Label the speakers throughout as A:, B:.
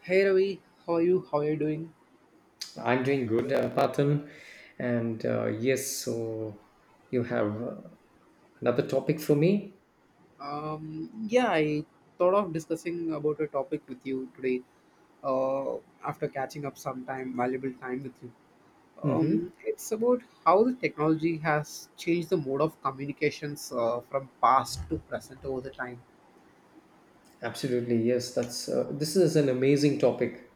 A: Hey Ravi, how are you? How are you doing?
B: I'm doing good, Patan. And yes, so you have another topic for me?
A: Yeah, I thought of discussing about a topic with you today. Uh, After catching up some time, valuable time with you,
B: Hmm.
A: it's about how the technology has changed the mode of communications from past to present over the time.
B: Absolutely, yes. That's this is an amazing topic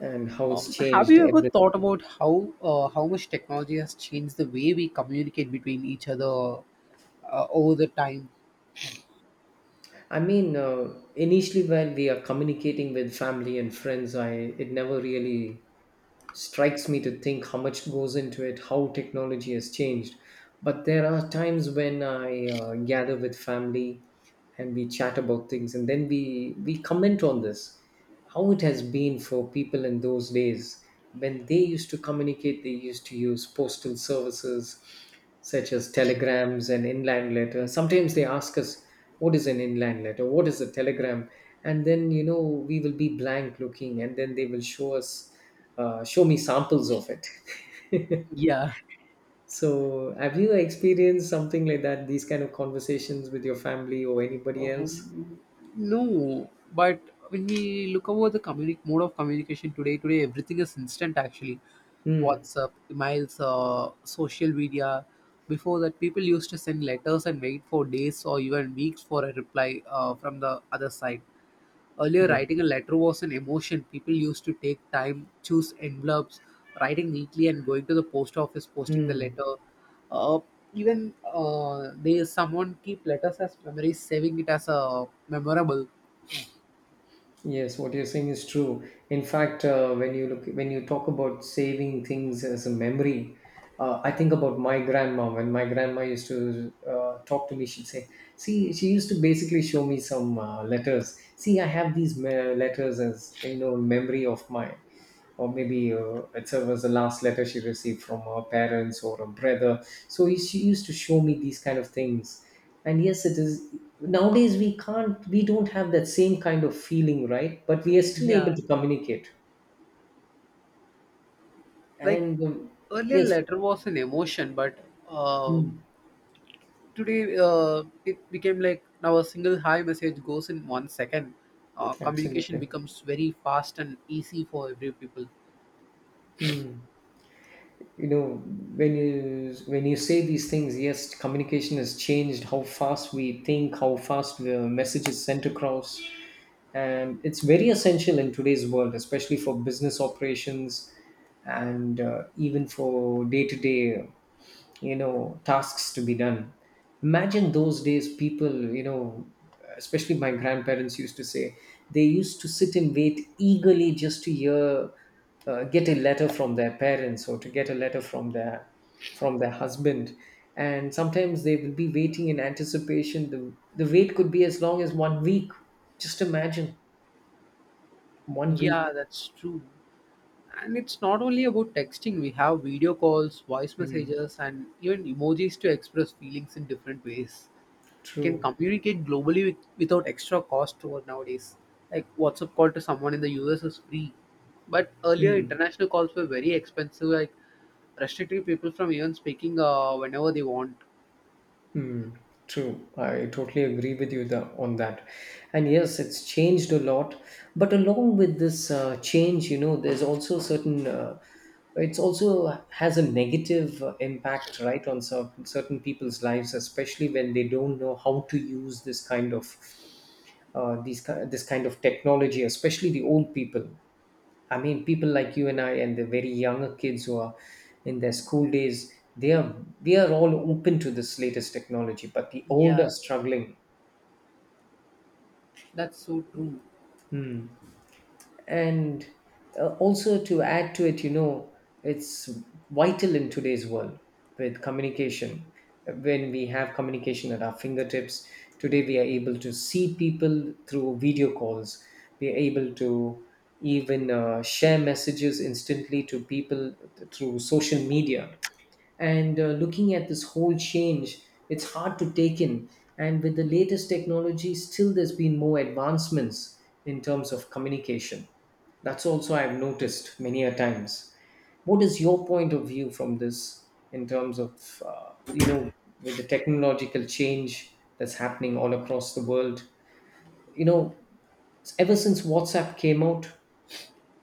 B: and how it's
A: Have
B: changed
A: you ever thought
B: everything.
A: about how much technology has changed the way we communicate between each other over the time?
B: I mean, initially when we are communicating with family and friends, I it never really strikes me to think how much goes into it, how technology has changed. But there are times when I gather with family and we chat about things, and then we comment on this, how it has been for people in those days when they used to communicate. They used to use postal services such as telegrams and inland letter. Sometimes they ask us, "What is an inland letter? What is a telegram?" And then we will be blank looking, and then they will show me samples of it.
A: Yeah.
B: So, have you experienced something like that? These kind of conversations with your family or anybody else?
A: Um, no, but when we look over the mode of communication today, today everything is instant actually.
B: Mm,
A: WhatsApp, emails, social media. Before that, people used to send letters and wait for days or even weeks for a reply from the other side. Earlier,
B: yes.
A: writing a letter was an emotion. People used to take time, choose envelopes, writing neatly, and going to the post office, posting the
B: Mm,
A: letter. Uh, even they someone keep letters as memories, saving it as a memorable.
B: yes. What you're saying is true. In fact, when you talk about saving things as a memory, I think about my grandma. When my grandma used to talk to me, she'd say, "See, she used to basically show me some letters. See, I have these letters as, memory of mine," or maybe it was the last letter she received from her parents or her brother. So she used to show me these kind of things. And yes, it is nowadays we don't have that same kind of feeling, right? But we are still
A: Yeah.
B: able to communicate.
A: Like
B: And
A: earlier,
B: yes,
A: letter was an emotion, but uh,
B: mm,
A: today it became like now a single hi message goes in 1 second. Communication
B: absolutely.
A: becomes very fast and easy for every people.
B: You know, when you say these things, yes, communication has changed. How fast we think, how fast the message is sent across, and it's very essential in today's world, especially for business operations and even for day to day, tasks to be done. Imagine those days people, especially my grandparents used to say, they used to sit and wait eagerly just to hear get a letter from their parents or to get a letter from their, from their husband. And sometimes they will be waiting in anticipation. The wait could be as long as one week. Just imagine, one week.
A: Yeah, that's true. And it's not only about texting, we have video calls, voice
B: Mm,
A: messages, and even emojis to express feelings in different ways. Can
B: true.
A: communicate globally with, without extra cost to us nowadays. Like WhatsApp call to someone in the US is free. But earlier,
B: Mm,
A: international calls were very expensive, like restricting people from even speaking whenever they want.
B: mm, true. I totally agree with you on that. And yes, it's changed a lot. But along with this change, there's also certain. It's also has a negative impact, right, on certain people's lives, especially when they don't know how to use this kind of these ki- this kind of technology, especially the old people. I mean, people like you and I, and the very younger kids who are in their school days, they are we are all open to this latest technology, but the old
A: Yeah,
B: are struggling.
A: that's so true.
B: Hmm. And also to add to it, it's vital in today's world, with communication. When we have communication at our fingertips, today we are able to see people through video calls. We are able to even share messages instantly to people through social media. And looking at this whole change, it's hard to take in. And with the latest technology, still, there's been more advancements in terms of communication. That's also I've noticed many a times. What is your point of view from this, in terms of, with the technological change that's happening all across the world? You know, ever since WhatsApp came out,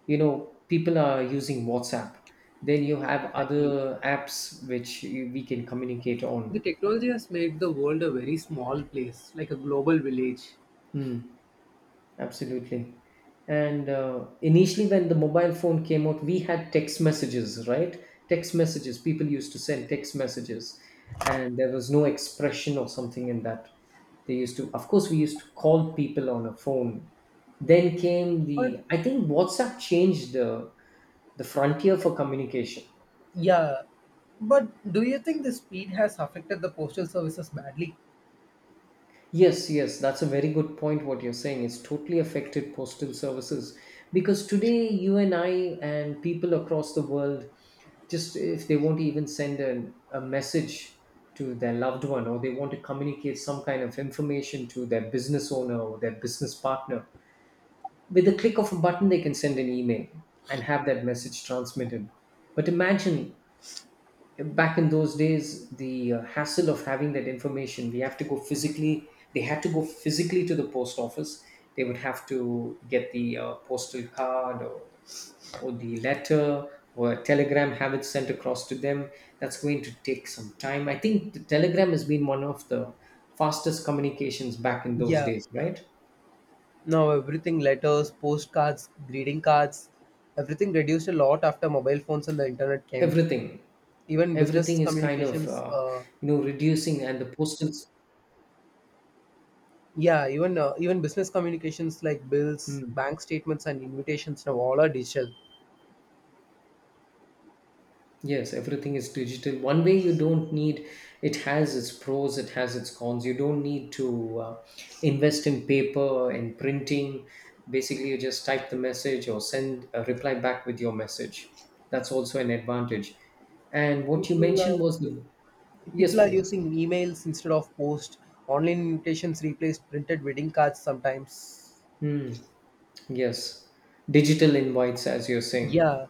B: people are using WhatsApp. Then you have
A: Exactly.
B: other apps which we can communicate
A: The
B: on.
A: technology has made the world a very small place, like a global village.
B: Hmm, absolutely. And initially when the mobile phone came out, we had text messages, right? Text messages, people used to send text messages, and there was no expression or something in that. They used to, of course, we used to call people on a phone. Then came
A: But
B: the I think WhatsApp changed the frontier for communication.
A: Yeah, but do you think the speed has affected the postal services badly?
B: Yes, yes, that's a very good point. What you're saying, it's totally affected postal services, because today you and I, and people across the world, just if they want to even send a message to their loved one, or they want to communicate some kind of information to their business owner or their business partner, with the click of a button they can send an email and have that message transmitted. But imagine back in those days, the hassle of having that information, we have to go physically they had to go physically to the post office. They would have to get the postal card, or the letter or a telegram, have it sent across to them. That's going to take some time. I think the telegram has been one of the fastest communications back in those
A: Yeah,
B: days, right?
A: now everything letters, postcards, greeting cards, everything reduced a lot after mobile phones and the internet came.
B: everything
A: Even business
B: everything is kind of,
A: communications, uh,
B: reducing, and the postal.
A: yeah, even uh, even business communications like bills, bank statements, and invitations now all are digital.
B: Yes, everything is digital. One way, you don't need, it has its pros, it has its cons. You don't need to invest in paper and printing. Basically, you just type the message or send a reply back with your message. That's also an advantage. And what you
A: People are,
B: mentioned was the,
A: people
B: yes,
A: are
B: please.
A: using emails instead of post. Online invitations replaced printed wedding cards sometimes.
B: Hmm. Yes, digital invites, as you're saying.
A: Yeah.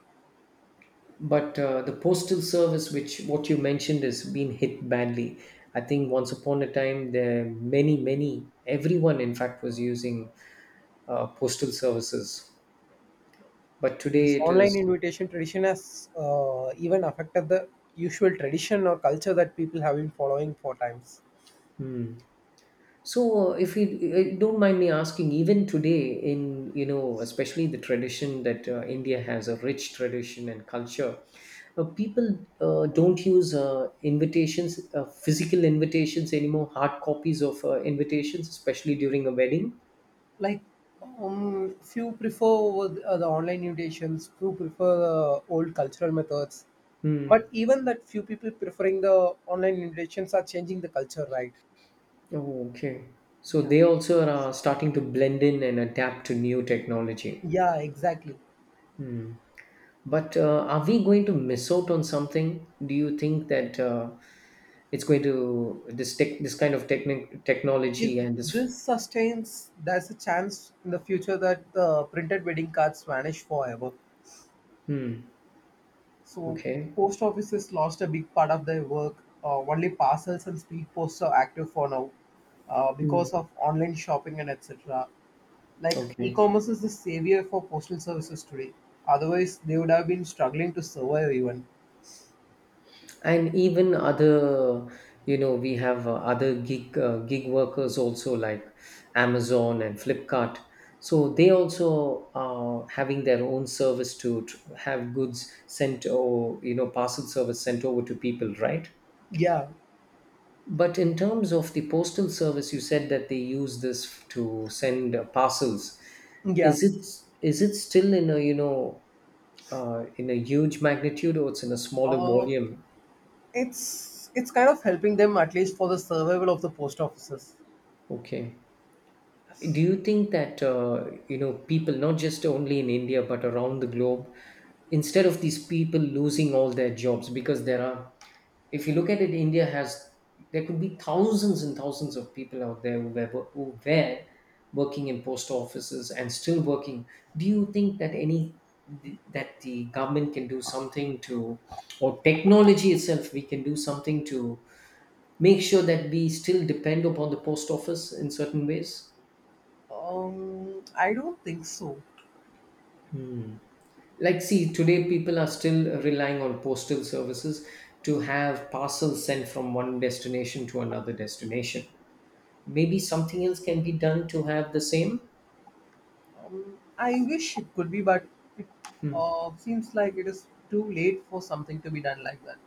B: But the postal service, which what you mentioned, has been hit badly. I think once upon a time, there many, many, everyone in fact was using postal services, but today
A: This
B: it
A: online
B: is.
A: invitation tradition has even affected the usual tradition or culture that people have been following for times.
B: Hmm. So, if you don't mind me asking, even today, especially the tradition that India has, a rich tradition and culture, people don't use invitations, physical invitations anymore, hard copies of invitations, especially during a wedding.
A: Like, few prefer with, the online invitations, few prefer the old cultural methods.
B: Hmm.
A: But even that few people preferring the online invitations are changing the culture, right?
B: Oh, okay. So
A: Yeah.
B: they also are starting to blend in and adapt to new technology.
A: Yeah, exactly.
B: Hmm. But are we going to miss out on something? Do you think that it's going to, this kind of technic
A: If
B: technology and this?
A: this sustains, there's a chance in the future that the printed wedding cards vanish forever.
B: Hmm.
A: So
B: Okay.
A: post offices lost a big part of their work. Only parcels and speed posts are active for now
B: Hmm.
A: because of online shopping and etc. Like
B: Okay.
A: e-commerce is the savior for postal services today. Otherwise, they would have been struggling to survive even.
B: And even other you know we have other gig workers also, like Amazon and Flipkart. So they also are having their own service to have goods sent, or, parcel service sent over to people, right?
A: Yeah,
B: But in terms of the postal service, you said that they use this to send parcels.
A: yeah.
B: Is it still in a, in a huge magnitude, or it's in a smaller
A: Um,
B: volume?
A: it's kind of helping them at least for the survival of the post offices.
B: Okay. Do you think that, people, not just only in India but around the globe, instead of these people losing all their jobs, because there are, if you look at it, India has, there could be thousands and thousands of people out there who were, working in post offices and still working. Do you think that any that the government can do something to, or technology itself, we can do something to make sure that we still depend upon the post office in certain ways?
A: I don't think so.
B: Hmm. Like, see, today people are still relying on postal services to have parcels sent from one destination to another destination. Maybe something else can be done to have the same.
A: I wish it could be, but it seems like it is too late for something to be done like that.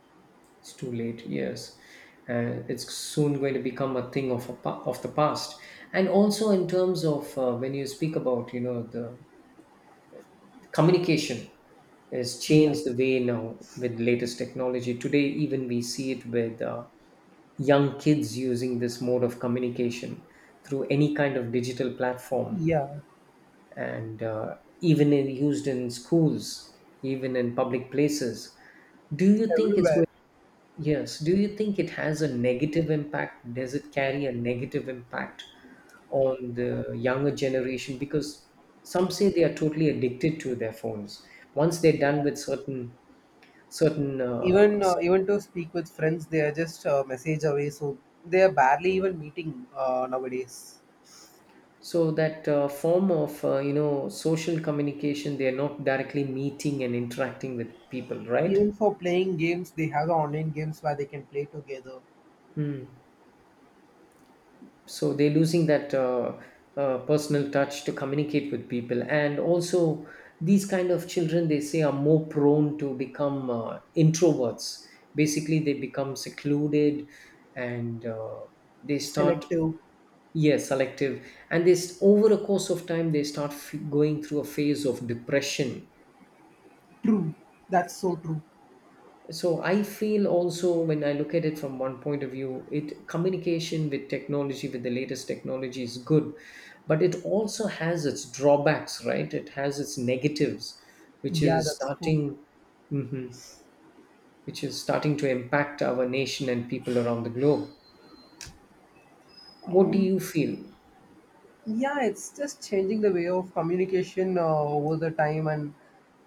B: It's too late, yes. It's soon going to become a thing of the past. And also, in terms of when you speak about, the communication has
A: Yeah.
B: changed the way now, with latest technology. Today, even we see it with young kids using this mode of communication through any kind of digital platform,
A: Yeah, it's
B: and even used in schools, even in public places. Do you think it's
A: everywhere.
B: going, yes, do you think it has a negative impact? Does it carry a negative impact on the younger generation? Because some say they are totally addicted to their phones once they're done with certain, certain.
A: Even to speak with friends, they are just a message away. So they are barely even meeting nowadays.
B: So that form of, social communication, they are not directly meeting and interacting with people, right?
A: Even for playing games, they have online games where they can play together.
B: Mm. So they're losing that, personal touch to communicate with people. And also, these kind of children, they say, are more prone to become introverts. Basically, they become secluded, and they start,
A: Selective,
B: yes, selective, and this, over a course of time, they start going through a phase of depression.
A: true. That's so true.
B: So I feel also, when I look at it from one point of view, it communication with technology, with the latest technology, is good, but it also has its drawbacks, right? It has its negatives, which
A: Yeah,
B: is
A: that's true.
B: starting, Mhm, which is starting to impact our nation and people around the globe. What do you feel?
A: Yeah, it's just changing the way of communication over the time and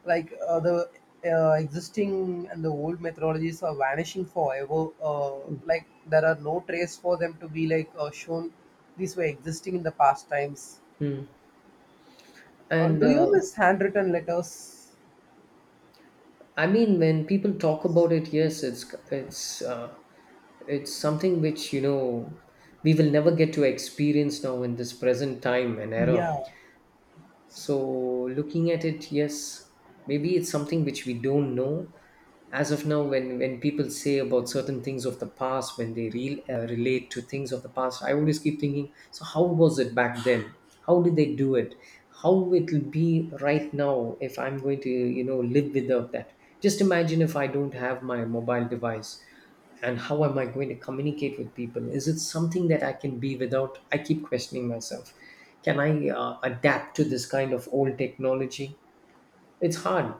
A: like the existing and the old methodologies are vanishing forever, like there are no trace for them to be like shown these were existing in the past times.
B: Hmm. And
A: Do you miss handwritten letters?
B: I mean, when people talk about it, yes, it's it's something which we will never get to experience now in this present time and era,
A: Yeah.
B: so looking at it, yes, maybe it's something which we don't know as of now. When people say about certain things of the past, when they relate to things of the past, I always keep thinking, so how was it back then? How did they do it? How it will be right now if I'm going to, live without that? Just imagine if I don't have my mobile device, and how am I going to communicate with people? Is it something that I can be without? I keep questioning myself. Can I adapt to this kind of old technology? It's hard.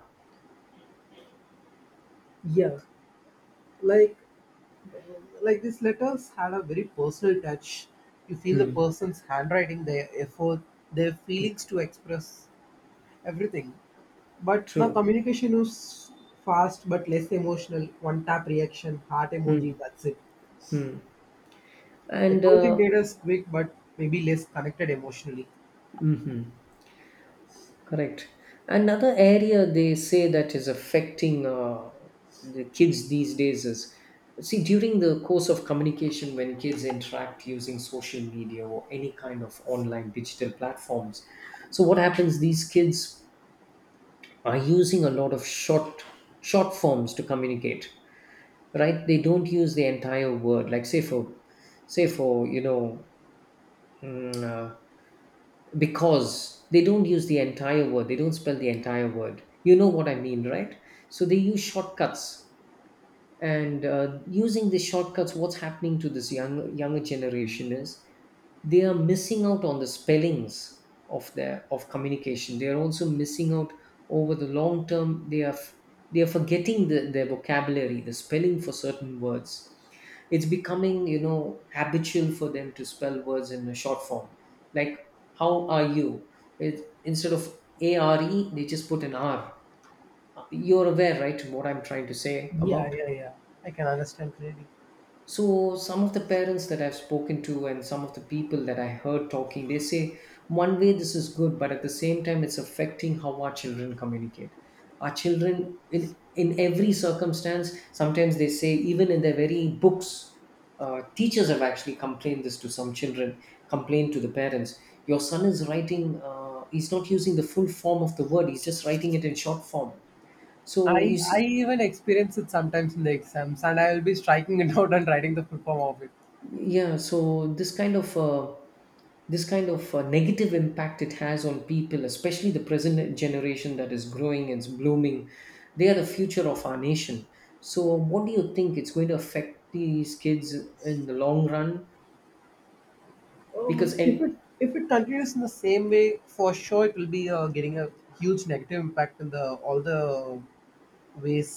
A: Yeah like uh, like these letters had a very personal touch, you feel the
B: Hmm.
A: person's handwriting, their effort, their feelings to express everything. But now
B: True.
A: communication is fast but less emotional. One tap reaction, heart emoji,
B: Hmm.
A: that's it.
B: Hmm. And
A: Technology made us quick but maybe less connected emotionally.
B: mhm. correct. Another area they say that is affecting the kids these days is, see, during the course of communication, when kids interact using social media or any kind of online digital platforms, so what happens, these kids are using a lot of short forms to communicate, right? They don't use the entire word, like say for, say for you know mm, uh, because they don't use the entire word, they don't spell the entire word, you know what I mean, right? So they use shortcuts. And using the shortcuts, what's happening to this younger generation is they are missing out on the spellings of their, of communication, they are also missing out. Over the long term, they are they are forgetting their vocabulary, the spelling for certain words. It's becoming, you know, habitual for them to spell words in a short form. Like, how are you, it, instead of A R E, they just put an R. You're aware, right, what I'm trying to say
A: Yeah,
B: about?
A: yeah, yeah. I can understand clearly.
B: So, some of the parents that I've spoken to and some of the people that I heard talking, they say one way this is good, but at the same time, it's affecting how our children communicate. Our children, in every circumstance, sometimes they say, even in their very books, teachers have actually complained this to some children, complained to the parents. Your son is writing, he's not using the full form of the word, he's just writing it in short form. So you
A: I
B: see,
A: even experience it sometimes in the exams, and I will be striking it out and writing the full form of it.
B: yeah, so this kind of negative impact it has on people, especially the present generation that is growing and is blooming. They are the future of our nation. So what do you think it's going to affect these kids in the long run? Because
A: Um, if
B: and
A: it if it continues in the same way, for sure it will be getting a huge negative impact in the all the ways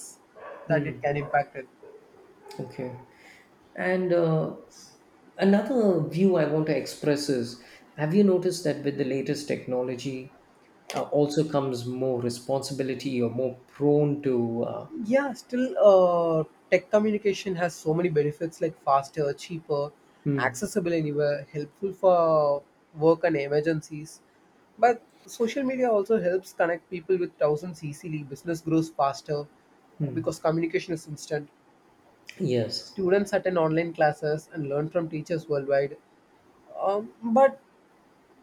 A: that it can impact it.
B: okay. And another view I want to express is, have you noticed that with the latest technology also comes more responsibility or more prone to
A: Yeah, still, tech communication has so many benefits like faster, cheaper,
B: hmm,
A: accessible anywhere, helpful for work and emergencies. But social media also helps connect people with thousands easily. Business grows faster
B: hmm.
A: because communication is instant.
B: Yes.
A: Students attend online classes and learn from teachers worldwide. But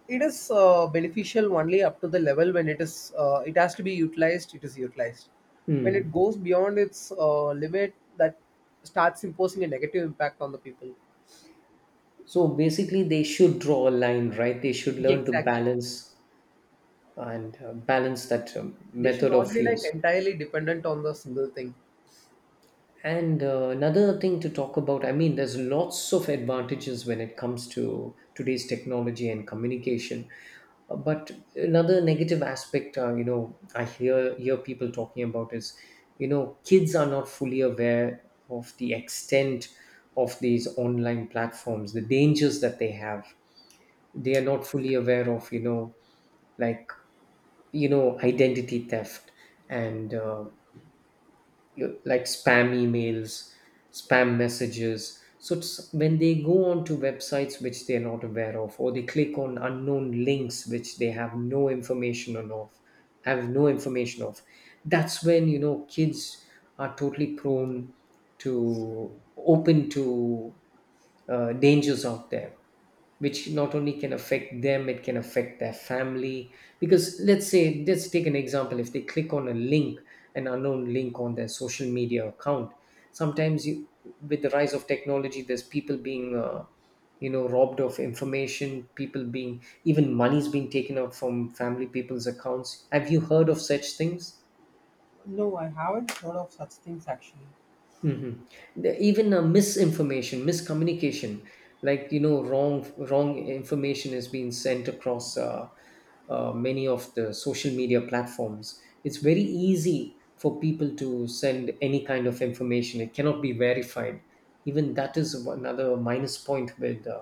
A: it is beneficial only up to the level when it is it has to be utilized. It is utilized. When it
B: Hmm.
A: goes beyond its limit, that starts imposing a negative impact on the people.
B: So basically, they should draw a line, right? They should
A: Yeah,
B: learn to
A: exactly.
B: balance. And balance that
A: They should
B: method
A: not
B: of
A: be like
B: use.
A: entirely dependent on the single thing.
B: And another thing to talk about, I mean, there's lots of advantages when it comes to today's technology and communication. But another negative aspect, you know, I hear people talking about is, you know, kids are not fully aware of the extent of these online platforms, the dangers that they have. They are not fully aware of, you know, like, you know, identity theft and like spam emails, spam messages. So it's when they go on to websites which they are not aware of, or they click on unknown links which they have no information of. That's when, you know, kids are totally prone to, open to dangers out there, which not only can affect them, it can affect their family. Because let's say, let's take an example, if they click on a link, an unknown link, on their social media account. Sometimes you, with the rise of technology, there's people being you know, robbed of information, people being, even money's being taken out from family, people's accounts. Have you heard of such things?
A: No, I haven't heard of such things actually.
B: Hmm. Even misinformation, miscommunication, like, you know, wrong information is being sent across many of the social media platforms. It's very easy for people to send any kind of information. It cannot be verified. Even that is another minus point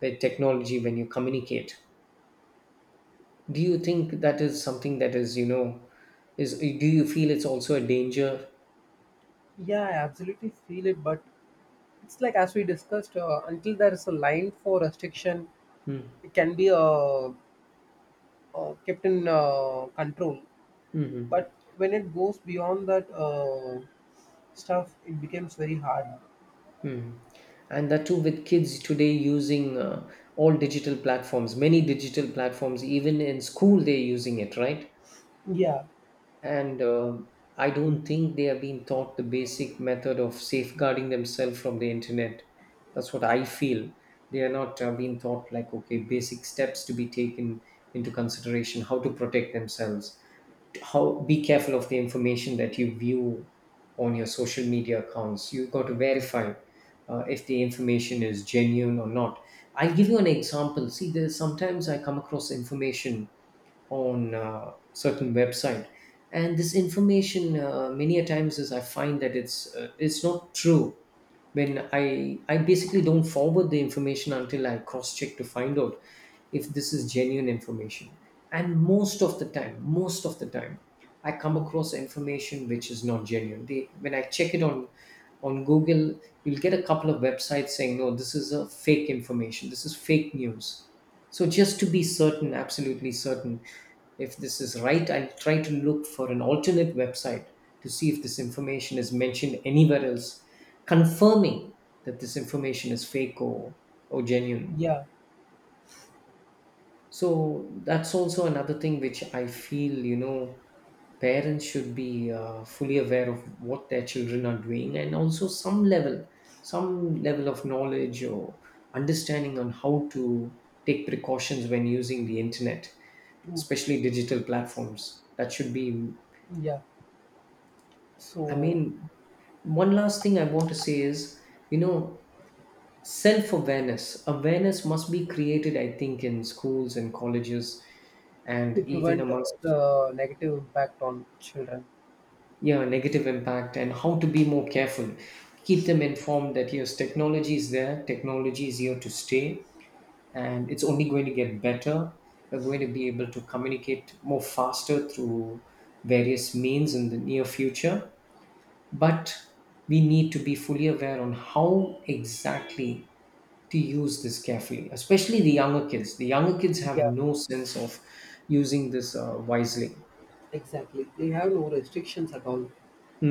B: with technology when you communicate. Do you think that is something that is, you know, is, do you feel it's also a danger?
A: Yeah, I absolutely feel it, but it's like as we discussed, until there is a line for restriction,
B: Mm-hmm.
A: it can be kept in control.
B: Mm-hmm.
A: But when it goes beyond that, stuff it becomes very hard.
B: Hmm. And that too with kids today using all digital platforms, many digital platforms, even in school, they're using it, right?
A: Yeah.
B: And I don't think they are being taught the basic method of safeguarding themselves from the internet. That's what I feel. They are not being taught, like, okay, basic steps to be taken into consideration, how to protect themselves, how be careful of the information that you view on your social media accounts. You've got to verify if the information is genuine or not. I'll give you an example. See, there's sometimes I come across information on certain website, and this information, many a times, is, I find that it's not true. When I basically don't forward the information until I cross check to find out if this is genuine information. And most of the time, I come across information which is not genuine. They, when I check it on Google, you'll get a couple of websites saying, no, this is a fake information, this is fake news. So just to be certain, absolutely certain, if this is right, I'll try to look for an alternate website to see if this information is mentioned anywhere else, confirming that this information is fake, or genuine.
A: Yeah,
B: So that's also another thing which I feel, you know, parents should be fully aware of what their children are doing, and also some level, some level of knowledge or understanding on how to take precautions when using the internet,
A: true.
B: especially digital platforms. That should be,
A: Yeah,
B: I
A: so
B: mean, one last thing I want to say is, you know, self awareness, awareness must be created, I think, in schools and colleges, and
A: to
B: even
A: prevent
B: amongst.
A: the negative impact on children.
B: Yeah, negative impact, and how to be more careful. Keep them informed that yes, technology is there, technology is here to stay, and it's only going to get better. We're going to be able to communicate more faster through various means in the near future. But we need to be fully aware on how exactly to use this carefully, especially the younger kids. The younger kids have
A: Yeah,
B: no sense of using this wisely.
A: exactly, they have no restrictions at all,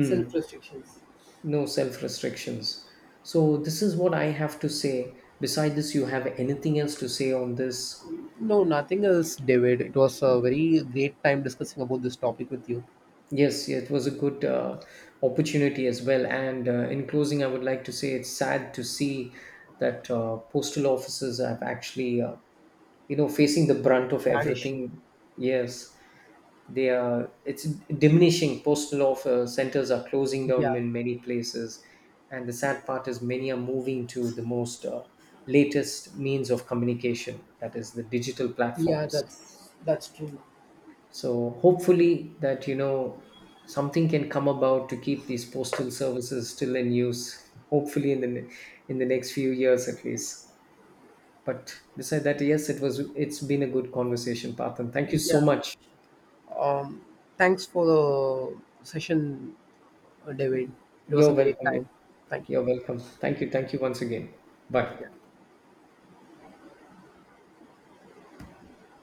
A: self restrictions.
B: No self restrictions. So, this is what I have to say. Beside this, you have anything else to say on this?
A: No, nothing else David, it was a very great time discussing about this topic with you.
B: Yes, it was a good opportunity as well. And in closing, I would like to say, it's sad to see that postal offices have actually, you know, facing the brunt of
A: Bad issue.
B: everything. Yes, they are, it's diminishing. Postal offer centers are closing down
A: Yeah.
B: in many places, and the sad part is, many are moving to the most latest means of communication, that is the digital
A: Yeah,
B: platforms.
A: that's true.
B: So hopefully that, you know, something can come about to keep these postal services still in use, hopefully in the in the next few years at least. But beside that, yes, it was, it's been a good conversation, Parthan, thank you so
A: Yeah.
B: much.
A: um Thanks for the session, David. It was a
B: You're
A: great
B: welcome.
A: time. Thank you.
B: You're welcome. Thank you. Thank you once again. Bye.
A: Yeah.